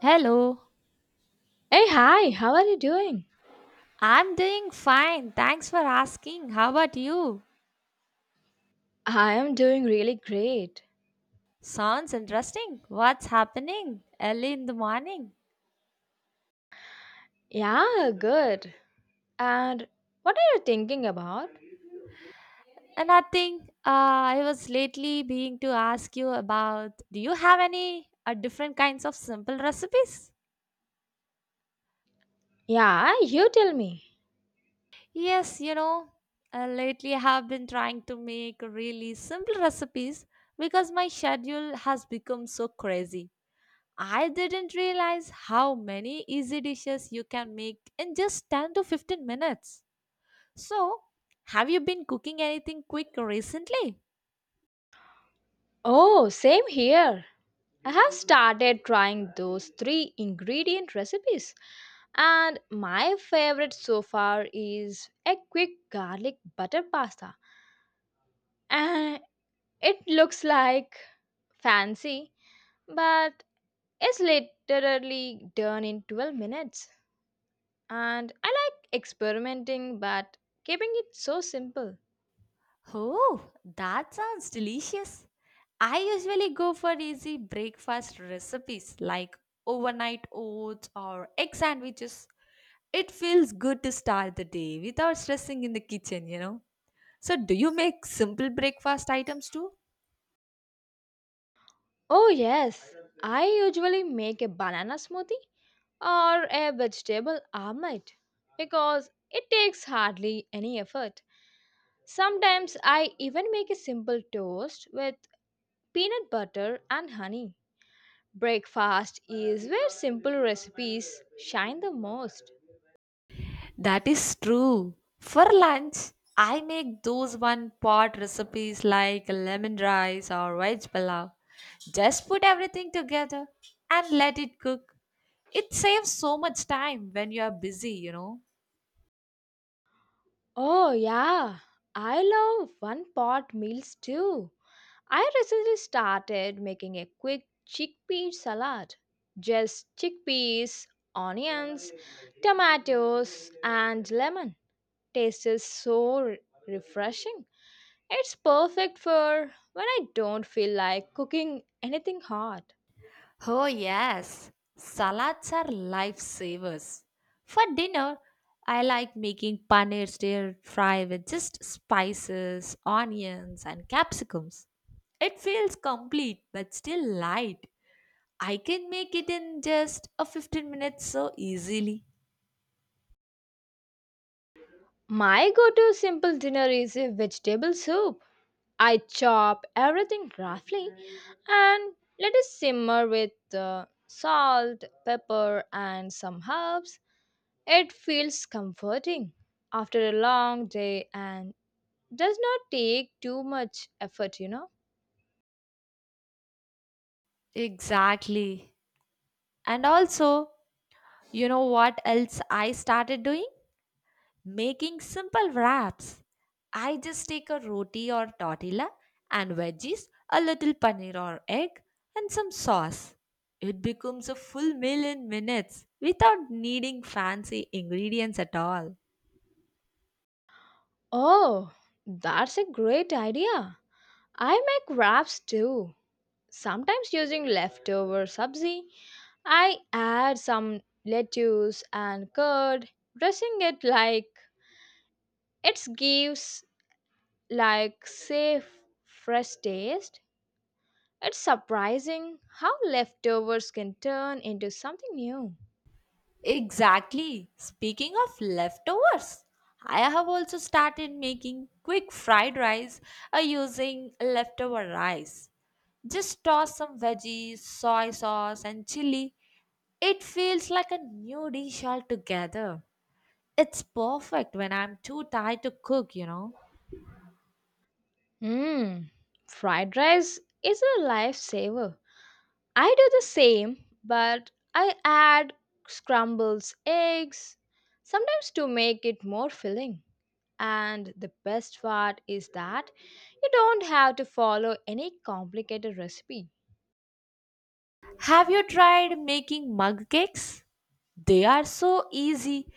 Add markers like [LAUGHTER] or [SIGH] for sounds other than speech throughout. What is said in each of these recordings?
Hello, Hey, hi, how are you doing? I'm doing fine. Thanks for asking. How about you? I am doing really great. Sounds interesting. What's happening early in the morning? Yeah, good. And what are you thinking about? Nothing. I was lately being to ask you about do you have any different kinds of simple recipes? Yeah, you tell me. Yes, lately I have been trying to make really simple recipes because my schedule has become so crazy. I didn't realize how many easy dishes you can make in just 10 to 15 minutes. So, have you been cooking anything quick recently? Oh, same here. I have started trying those three ingredient recipes, and my favorite so far is a quick garlic butter pasta. And it looks like fancy, but it's literally done in 12 minutes. And I like experimenting, but keeping it so simple. Oh, that sounds delicious. I usually go for easy breakfast recipes like overnight oats or egg sandwiches. It feels good to start the day without stressing in the kitchen. So, do you make simple breakfast items too? Oh, yes, I usually make a banana smoothie or a vegetable omelette because it takes hardly any effort. Sometimes I even make a simple toast with peanut butter and honey. Breakfast is where simple recipes shine the most. That is true. For lunch, I make those one pot recipes like lemon rice or veg palau. Just put everything together and let it cook. It saves so much time when you are busy. Oh, yeah, I love one pot meals too. I recently started making a quick chickpea salad. Just chickpeas, onions, tomatoes, and lemon. Taste is so refreshing. It's perfect for when I don't feel like cooking anything hot. Oh, yes. Salads are lifesavers. For dinner, I like making paneer stir fry with just spices, onions, and capsicums. It feels complete but still light. I can make it in just a 15 minutes so easily. My go to simple dinner is a vegetable soup. I chop everything roughly and let it simmer with salt, pepper, and some herbs. It feels comforting after a long day and does not take too much effort, you know. Exactly. And also, you know what else I started doing? Making simple wraps. I just take a roti or tortilla and veggies, a little paneer or egg, and some sauce. It becomes a full meal in minutes without needing fancy ingredients at all. Oh, that's a great idea. I make wraps too, sometimes using leftover sabzi. I add some lettuce and curd, dressing it like it gives like safe fresh taste. It's surprising how leftovers can turn into something new. Exactly. Speaking of leftovers, I have also started making quick fried rice using leftover rice. Just toss some veggies, soy sauce, and chili. It feels like a new dish altogether. It's perfect when I'm too tired to cook. Mmm, fried rice is a lifesaver. I do the same, but I add scrambles, eggs, sometimes to make it more filling. And the best part is that you don't have to follow any complicated recipe. Have you tried making mug cakes? They are so easy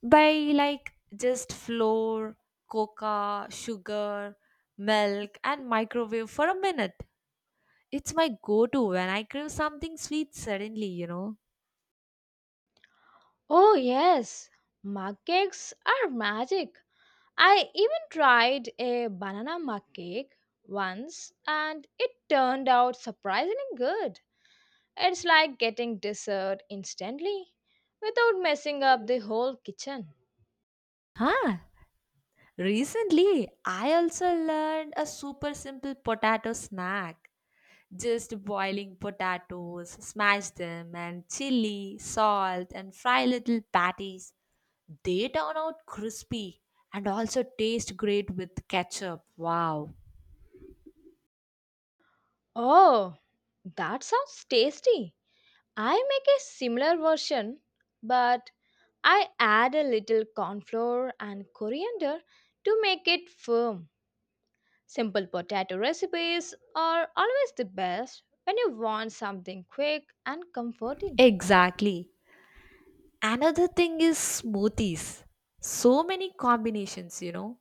by like just flour, coca sugar, milk, and microwave for a minute. It's my go-to when I crave something sweet suddenly. Oh, yes, mug cakes are magic. I even tried a banana mug cake once and it turned out surprisingly good. It's like getting dessert instantly without messing up the whole kitchen. Huh, recently I also learned a super simple potato snack. Just boiling potatoes, smash them and chili salt and fry little patties. They turn out crispy and also taste great with ketchup. Wow. Oh, that sounds tasty. I make a similar version, but I add a little corn flour and coriander to make it firm. Simple potato recipes are always the best when you want something quick and comforting. Exactly. Another thing is smoothies. So many combinations, you know.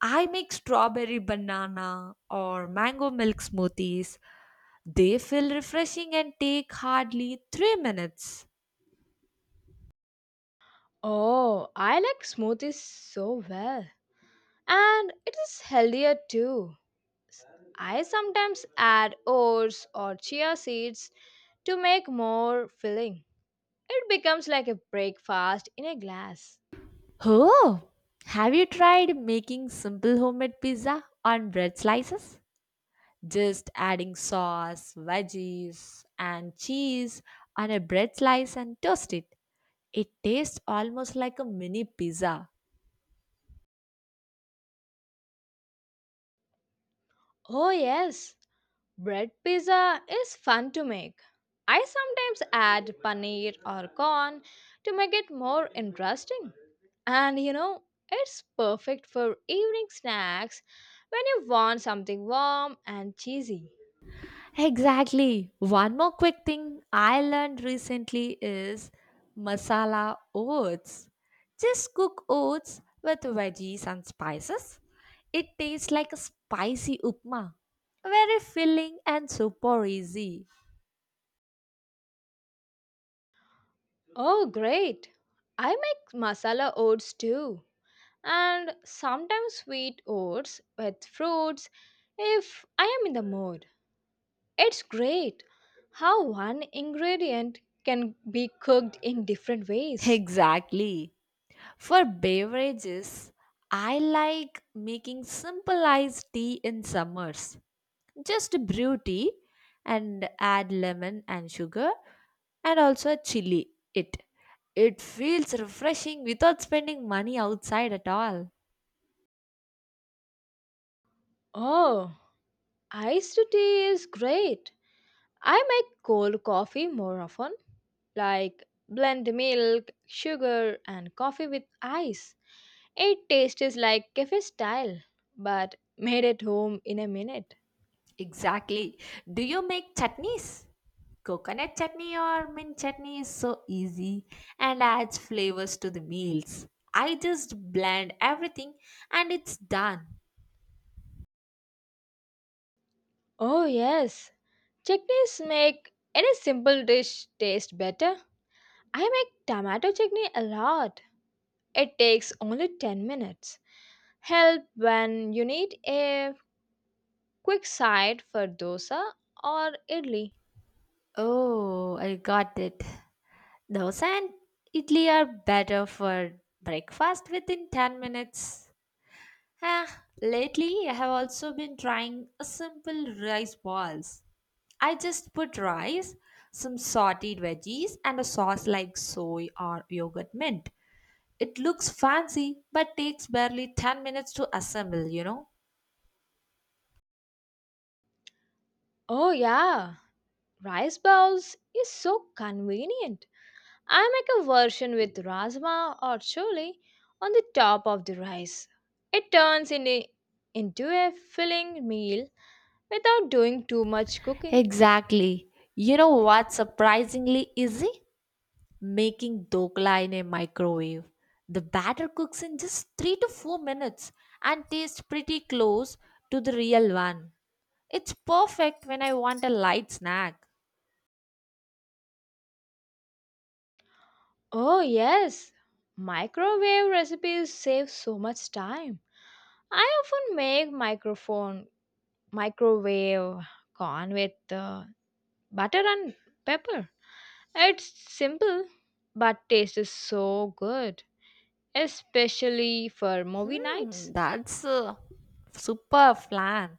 I make strawberry banana or mango milk smoothies. They feel refreshing and take hardly 3 minutes. Oh, I like smoothies so well. And it is healthier too. S- I sometimes add oats or chia seeds to make more filling. It becomes like a breakfast in a glass. Oh, have you tried making simple homemade pizza on bread slices? Just adding sauce, veggies, and cheese on a bread slice and toast it. It tastes almost like a mini pizza. Oh, yes. Bread pizza is fun to make. I sometimes add paneer or corn to make it more interesting. And you know, it's perfect for evening snacks when you want something warm and cheesy. Exactly. One more quick thing I learned recently is masala oats. Just cook oats with veggies and spices. It tastes like a spicy upma. Very filling and super easy. Oh, great! I make masala oats too, and sometimes sweet oats with fruits if I am in the mood. It's great how one ingredient can be cooked in different ways. Exactly. For beverages, I like making simple iced tea in summers. Just brew tea and add lemon and sugar and also chili it. It feels refreshing without spending money outside at all. Oh, iced tea is great. I make cold coffee more often, like blend milk, sugar, and coffee with ice. It tastes like cafe style, but made at home in a minute. Exactly. Do you make chutneys? Coconut chutney or mint chutney is so easy and adds flavors to the meals. I just blend everything and it's done. Oh, yes. Chutneys make any simple dish taste better. I make tomato chutney a lot. It takes only 10 minutes. Help when you need a quick side for dosa or idli. Oh, I got it. Dosa and idli are better for breakfast within 10 minutes. Ah, lately, I have also been trying a simple rice balls. I just put rice, some sauteed veggies, and a sauce like soy or yogurt mint. It looks fancy but takes barely 10 minutes to assemble, you know? Oh, yeah, rice bowls is so convenient. I make a version with rajma or chole on the top of the rice. It turns in a into a filling meal without doing too much cooking. Exactly. You know what's surprisingly easy? Making dokla in a microwave. The batter cooks in just 3 to 4 minutes and tastes pretty close to the real one. It's perfect when I want a light snack. Oh, yes, microwave recipes save so much time. I often make microphone microwave corn with butter and pepper. It's simple, but taste is so good, especially for movie Hmm, nights. that's a super plan.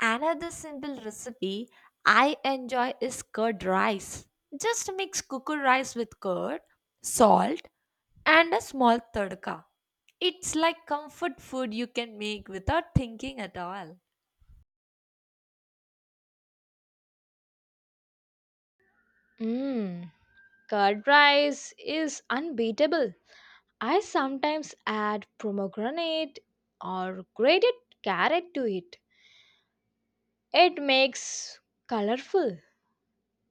Another simple recipe I enjoy is curd rice. Just mix cooker rice with curd, salt, and a small tadka. It's like comfort food you can make without thinking at all. Mmm, curd rice is unbeatable. I sometimes add pomegranate or grated carrot to it. It makes colorful.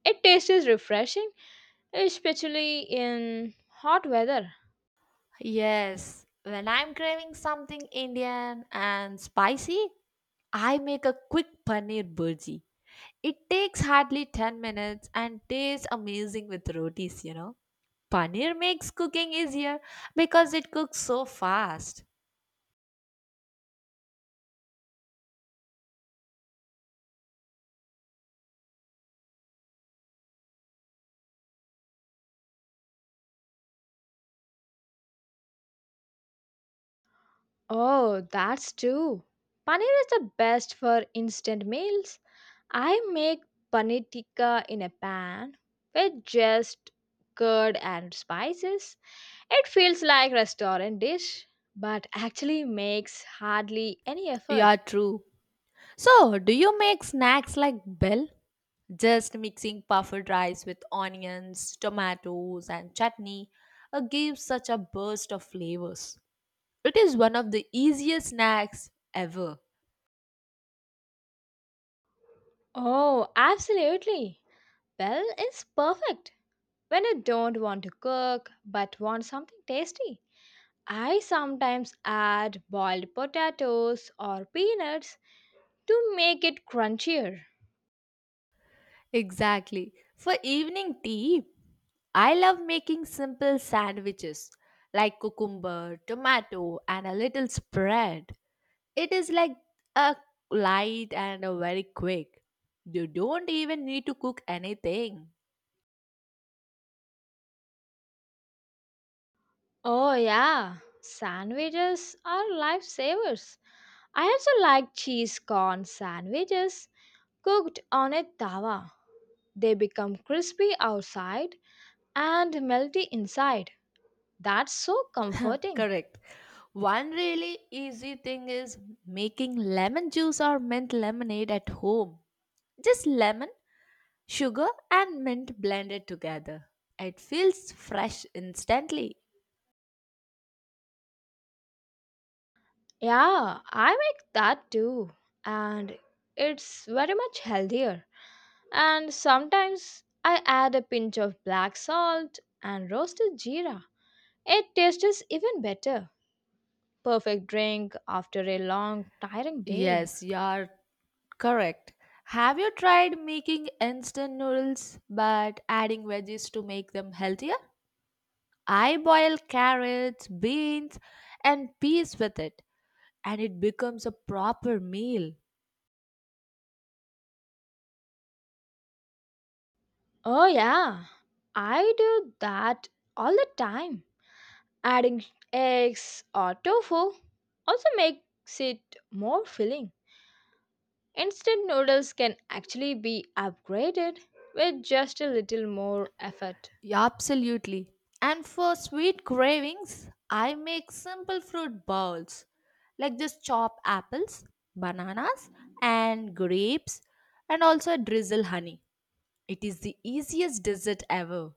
It tastes refreshing, especially in hot weather. Yes, when I'm craving something Indian and spicy, I make a quick paneer burji. It takes hardly 10 minutes and tastes amazing with rotis. Paneer makes cooking easier because it cooks so fast. Oh, that's true. Paneer is the best for instant meals. I make paneer tikka in a pan with just curd and spices. It feels like restaurant dish, but actually makes hardly any Yeah, effort. true. So, do you make snacks like bell? Just mixing puffed rice with onions, tomatoes, and chutney gives such a burst of flavors. It is one of the easiest snacks ever. Oh, absolutely. Well, it's perfect when you don't want to cook but want something tasty. I sometimes add boiled potatoes or peanuts to make it crunchier. Exactly. For evening tea, I love making simple sandwiches like cucumber, tomato, and a little spread. It is like a light and a very quick. You don't even need to cook anything. Oh, yeah, sandwiches are lifesavers. I also like cheese corn sandwiches cooked on a tawa. They become crispy outside and melty inside. That's so [LAUGHS] comforting. Correct. One really easy thing is making lemon juice or mint lemonade at home. Just lemon, sugar, and mint blended together. It feels fresh instantly. Yeah, I make that too, and it's very much healthier. And sometimes I add a pinch of black salt and roasted jeera. It tastes even better. Perfect drink after a long, tiring day. Yes, you're correct. Have you tried making instant noodles but adding veggies to make them healthier? I boil carrots, beans, and peas with it, and it becomes a proper meal. Oh, yeah, I do that all the time. Adding eggs or tofu also makes it more filling. Instant noodles can actually be upgraded with just a little more effort. Yeah, absolutely. And for sweet cravings, I make simple fruit bowls like just chop apples, bananas, and grapes, and also drizzle honey. It is the easiest dessert ever.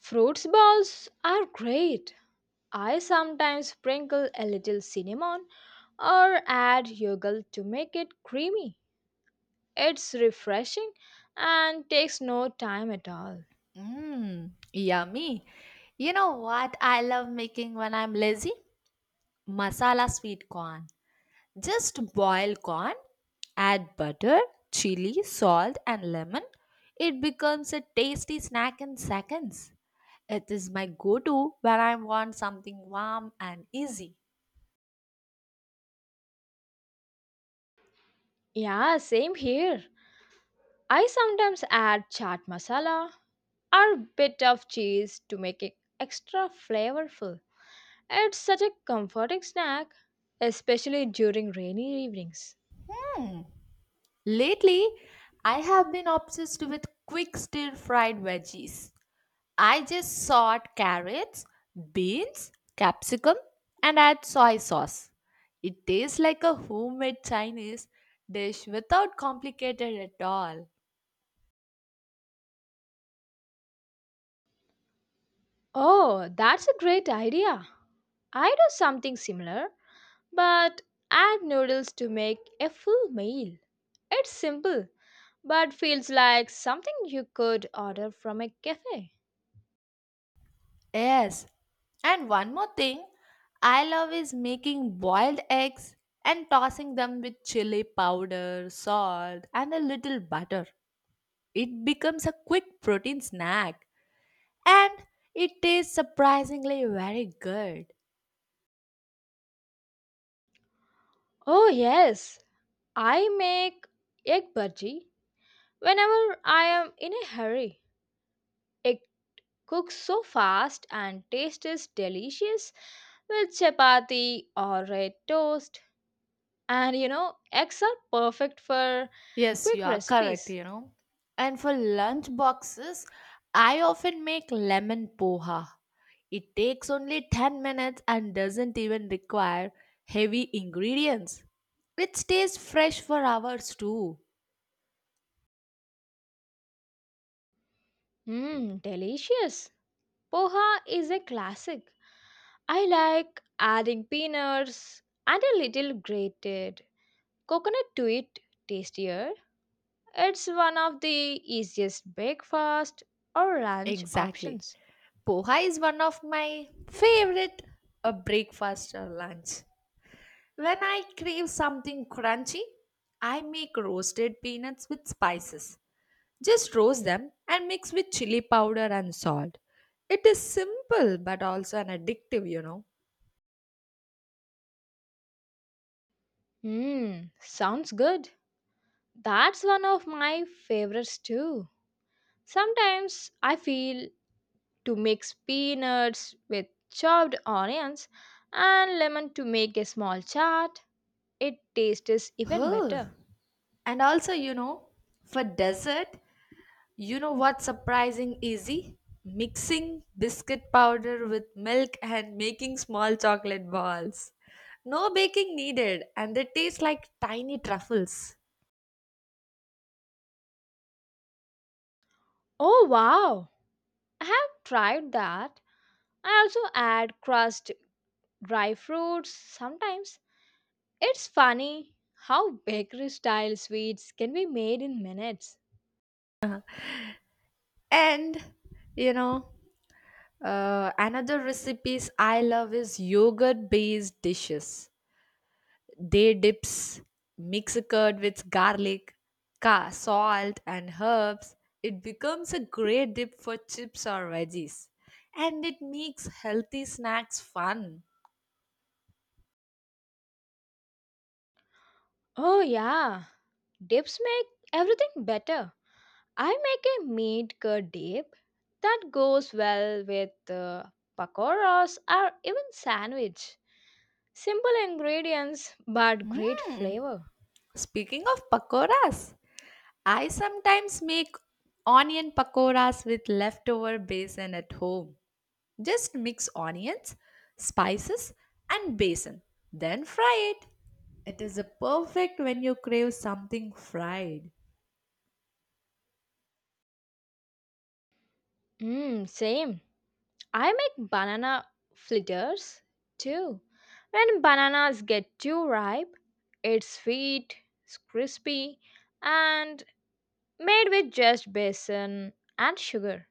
Fruits balls are great. I sometimes sprinkle a little cinnamon or add yogurt to make it creamy. It's refreshing and takes no time at all. Mmm, yummy. You know what I love making when I'm lazy? Masala sweet corn. Just boil corn, add butter, chili, salt, and lemon. It becomes a tasty snack in seconds. It is my go to when I want something warm and easy. Yeah, same here. I sometimes add chaat masala or bit of cheese to make it extra flavorful. It's such a comforting snack, especially during rainy evenings. Lately, I have been obsessed with quick stir fried veggies. I just sort carrots, beans, capsicum, and add soy sauce. It tastes like a homemade Chinese dish without complicated at all. Oh, that's a great idea. I do something similar, but add noodles to make a full meal. It's simple but feels like something you could order from a cafe. Yes. And one more thing I love is making boiled eggs and tossing them with chili powder, salt, and a little butter. It becomes a quick protein snack and it tastes surprisingly very good. Oh, yes, I make egg bhaji whenever I am in a hurry. It cooks so fast and taste is delicious with chapati or red toast. And you know, eggs are perfect for Yes, you quick are correct, recipes. And for lunch boxes, I often make lemon poha. It takes only 10 minutes and doesn't even require heavy ingredients. It stays fresh for hours too. Mmm, delicious. Poha is a classic. I like adding peanuts and a little grated coconut to it tastier. It's one of the easiest breakfast or lunch Exactly. options. Poha is one of my favorite breakfast or lunch. When I crave something crunchy, I make roasted peanuts with spices. Just roast them and mix with chili powder and salt. It is simple but also an addictive. Hmm, sounds good. That's one of my favorites too. Sometimes I feel to mix peanuts with chopped onions and lemon to make a small chat. It tastes even Oh, better. and also, you know, for dessert, you know what's surprising easy? Mixing biscuit powder with milk and making small chocolate balls. No baking needed, and they taste like tiny truffles. Oh wow, I have tried that. I also add crushed dry fruits sometimes. It's funny how bakery style sweets can be made in minutes. And you know, another recipes I love is yogurt based dishes. They dips mix a curd with garlic, salt, and herbs. It becomes a great dip for chips or veggies, and it makes healthy snacks fun. Oh, yeah, dips make everything better. I make a meat curd dip that goes well with pakoras or even sandwich. Simple ingredients but great Mmm. flavor. Speaking of pakoras, I sometimes make onion pakoras with leftover basin at home. Just mix onions, spices, and basin, then fry it. It is a perfect when you crave something fried. Mmm, same. I make banana fritters too. When bananas get too ripe, it's sweet, it's crispy, and made with just besan and sugar.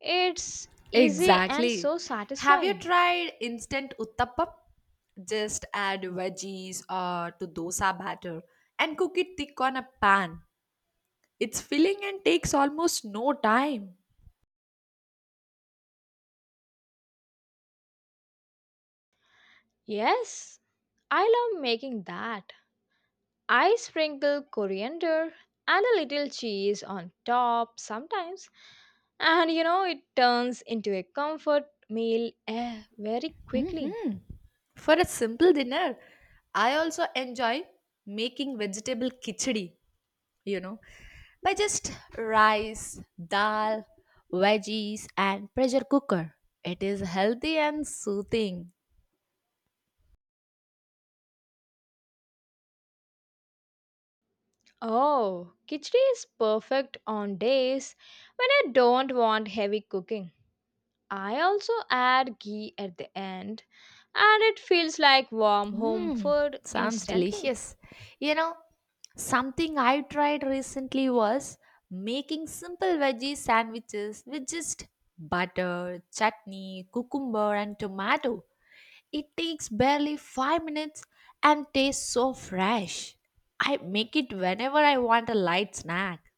It's easy and Exactly. so Have you satisfying. tried instant uttapam? Just add veggies to dosa batter and cook it thick on a pan. It's filling and takes almost no time. Yes, I love making that. I sprinkle coriander and a little cheese on top sometimes, and you know, it turns into a comfort meal very quickly. Hmm. For a simple dinner, I also enjoy making vegetable khichdi, you know, by just rice, dal, veggies, and pressure cooker. It is healthy and soothing. Oh, khichdi is perfect on days when I don't want heavy cooking. I also add ghee at the end, and it feels like warm home Mmm, food sounds instantly. delicious. You know, something I tried recently was making simple veggie sandwiches with just butter, chutney, cucumber, and tomato. It takes barely 5 minutes and tastes so fresh. I make it whenever I want a light snack.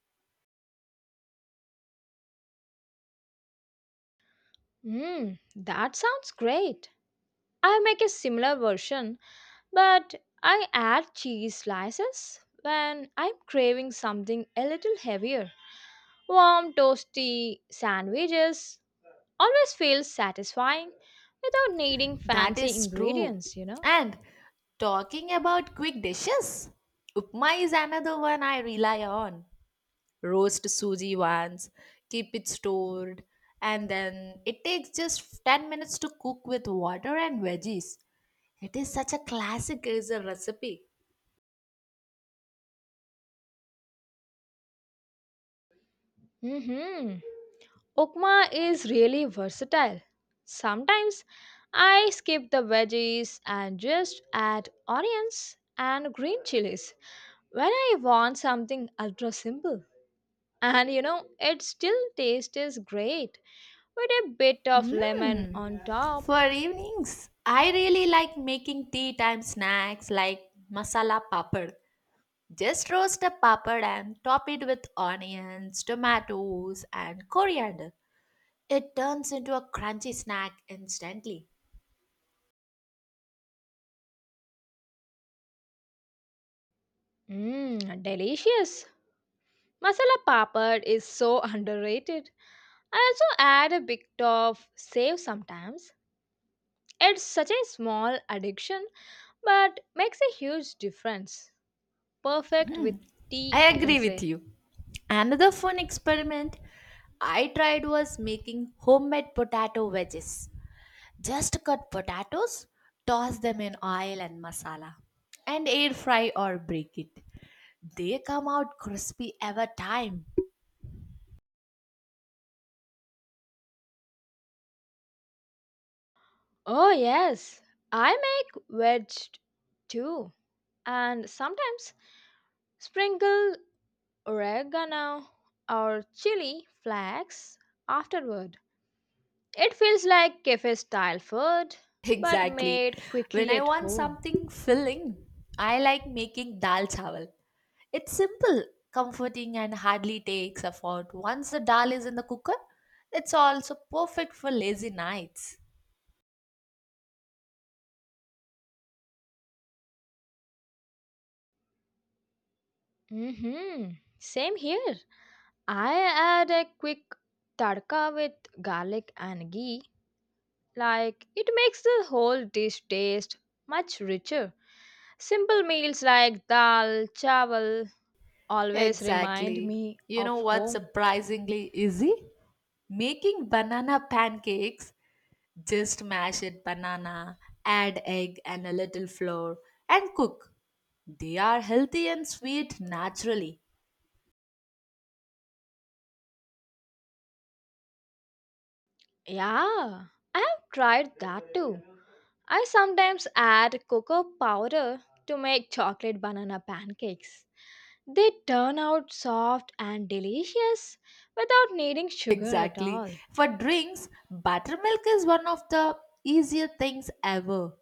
Mmm, that sounds great. I make a similar version, but I add cheese slices when I'm craving something a little heavier. Warm, toasty sandwiches always feels satisfying without needing That fancy is true. ingredients, you know. And talking about quick dishes, upma is another one I rely on. Roast suji once, keep it stored, and then it takes just 10 minutes to cook with water and veggies. It is such a classic as a recipe. Mm-hmm. Ukma is really versatile. Sometimes I skip the veggies and just add onions and green chilies when I want something ultra simple. And you know, it still tastes great with a bit of lemon Mmm. on top. For evenings, I really like making tea time snacks like masala papad. Just roast a papad and top it with onions, tomatoes, and coriander. It turns into a crunchy snack instantly. Mmm, delicious. Masala papad is so [LAUGHS] underrated. I also add a bit of save sometimes. It's such a small addiction but makes a huge difference. Perfect Hmm, with tea, I I can agree with say. you. Another fun experiment I tried was making homemade potato wedges. Just cut potatoes, toss them in oil and masala, and air fry or bake it. They come out crispy every time. [LAUGHS] Oh, yes, I make wedge too. And sometimes sprinkle oregano or chili flakes afterward. It feels like cafe style food but Exactly. made When quickly I at want home. something filling, I like making dal chawal. It's simple, comforting, and hardly takes effort. Once the dal is in the cooker, it's also perfect for lazy nights. Mm hmm. Same here. I add a quick tadka with garlic and ghee. Like it makes the whole dish taste much richer. Simple meals like dal, chawal always remind Exactly. me You of know what's home. surprisingly easy? Making banana pancakes. Just mash it banana, add egg and a little flour, and cook. They are healthy and sweet naturally. Yeah, I have tried that too. I sometimes add cocoa powder to make chocolate banana pancakes. They turn out soft and delicious without needing sugar at Exactly. all. For drinks, buttermilk is one of the easier things ever.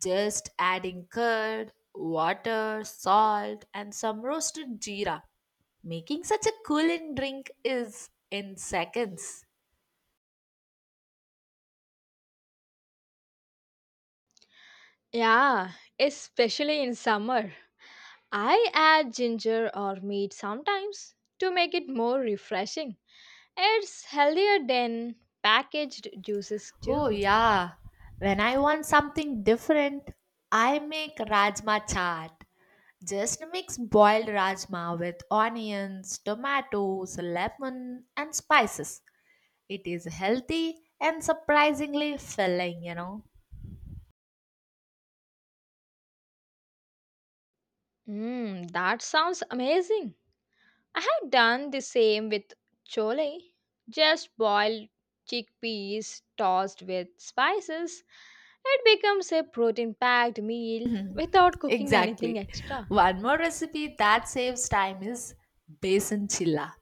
Just adding curd, water, salt, and some roasted jeera. Making such a cooling drink is in seconds. Yeah, especially in summer. I add ginger or meat sometimes to make it more refreshing. It's healthier than packaged juices Oh, too. yeah. When I want something different, I make rajma chaat. Just mix boiled rajma with onions, tomatoes, lemon, and spices. It is healthy and surprisingly filling, you know. Mmm, that sounds amazing. I have done the same with chole. Just boiled chickpeas tossed with spices. It becomes a protein packed meal without [LAUGHS] cooking anything Exactly. extra. One more recipe that saves time is basin chilla.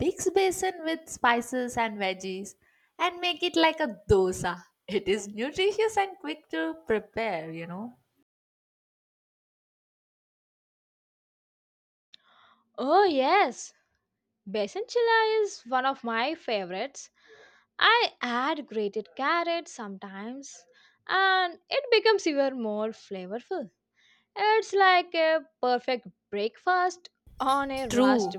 Mix basin with spices and veggies and make it like a dosa. It is nutritious and quick to prepare. Oh, yes, Besan chilla is one of my favorites. I add grated carrots sometimes and it becomes even more flavorful. It's like a perfect breakfast on a rust True.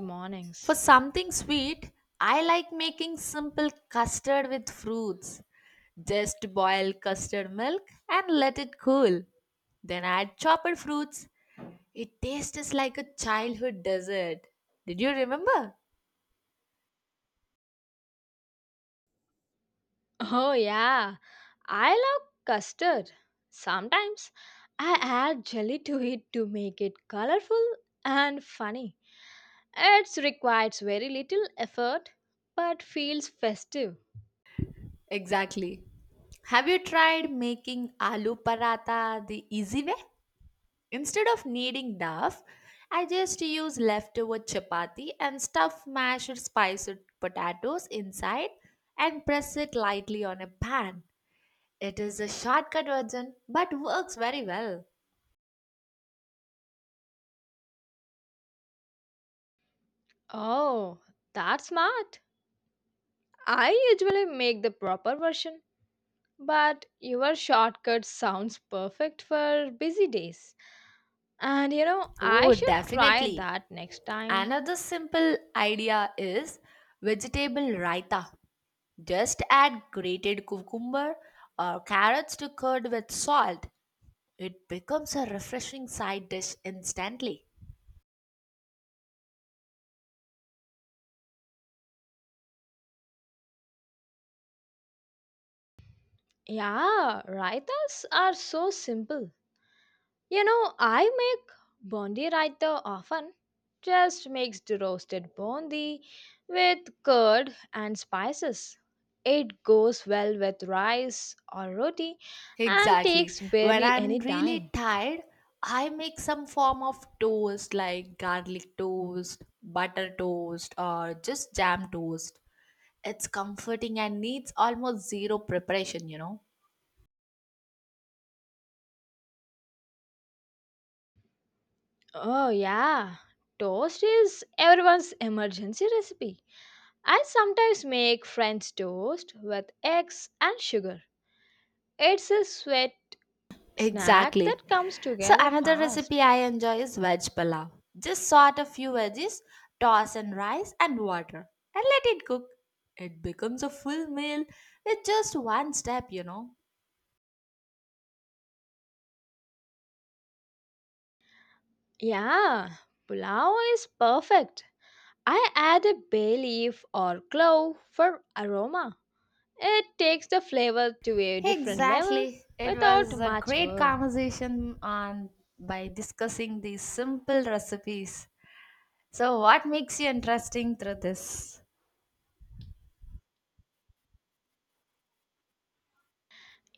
For something sweet, I like making simple custard with fruits. Just boil custard milk and let it cool. Then add chopped fruits. It tastes like a childhood dessert. Did you remember? Oh yeah, I love custard. Sometimes I add jelly to it to make it colorful and funny. It requires very little effort but feels festive. Exactly. Have you tried making aloo paratha the easy way? Instead of kneading dough, I just use leftover chapati and stuff mashed spiced potatoes inside and press it lightly on a pan. It is a shortcut version but works very well. Oh, that's smart. I usually make the proper version, but your shortcut sounds perfect for busy days. And you know, I Oh, should try definitely. that next time. Another simple idea is vegetable raita. Just add grated cucumber or carrots to curd with salt. It becomes a refreshing side dish instantly. Yeah, raitas are so simple. You know, I make bondi raita often. Just mix the roasted bondi with curd and spices. It goes well with rice or roti and Exactly. takes When barely I'm any really time. tired, I make some form of toast like garlic toast, butter toast, or just jam toast. It's comforting and needs almost zero preparation. Oh, yeah. Toast is everyone's emergency recipe. I sometimes make French toast with eggs and sugar. It's a sweet snack Exactly. that comes So together another fast. recipe I enjoy is veg palav. Just sort a few veggies, toss in rice and water, and let it cook. It becomes a full meal with just one step. Yeah, pulao is perfect. I add a bay leaf or clove for aroma. It takes the flavor to a different level Exactly. It was without a much great work. conversation on by discussing these simple recipes. So what makes you interesting through this?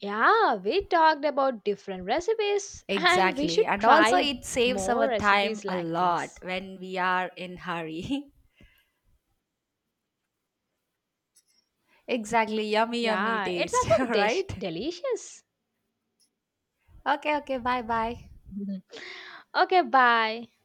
Yeah, we talked about different recipes and we Exactly. should And also try it saves more our time recipes a like lot this. when we are in hurry. [LAUGHS] Exactly. Yummy, yummy Yeah, it's taste. [LAUGHS] also dish Right? delicious. Okay, okay. Bye bye. [LAUGHS] Okay, bye.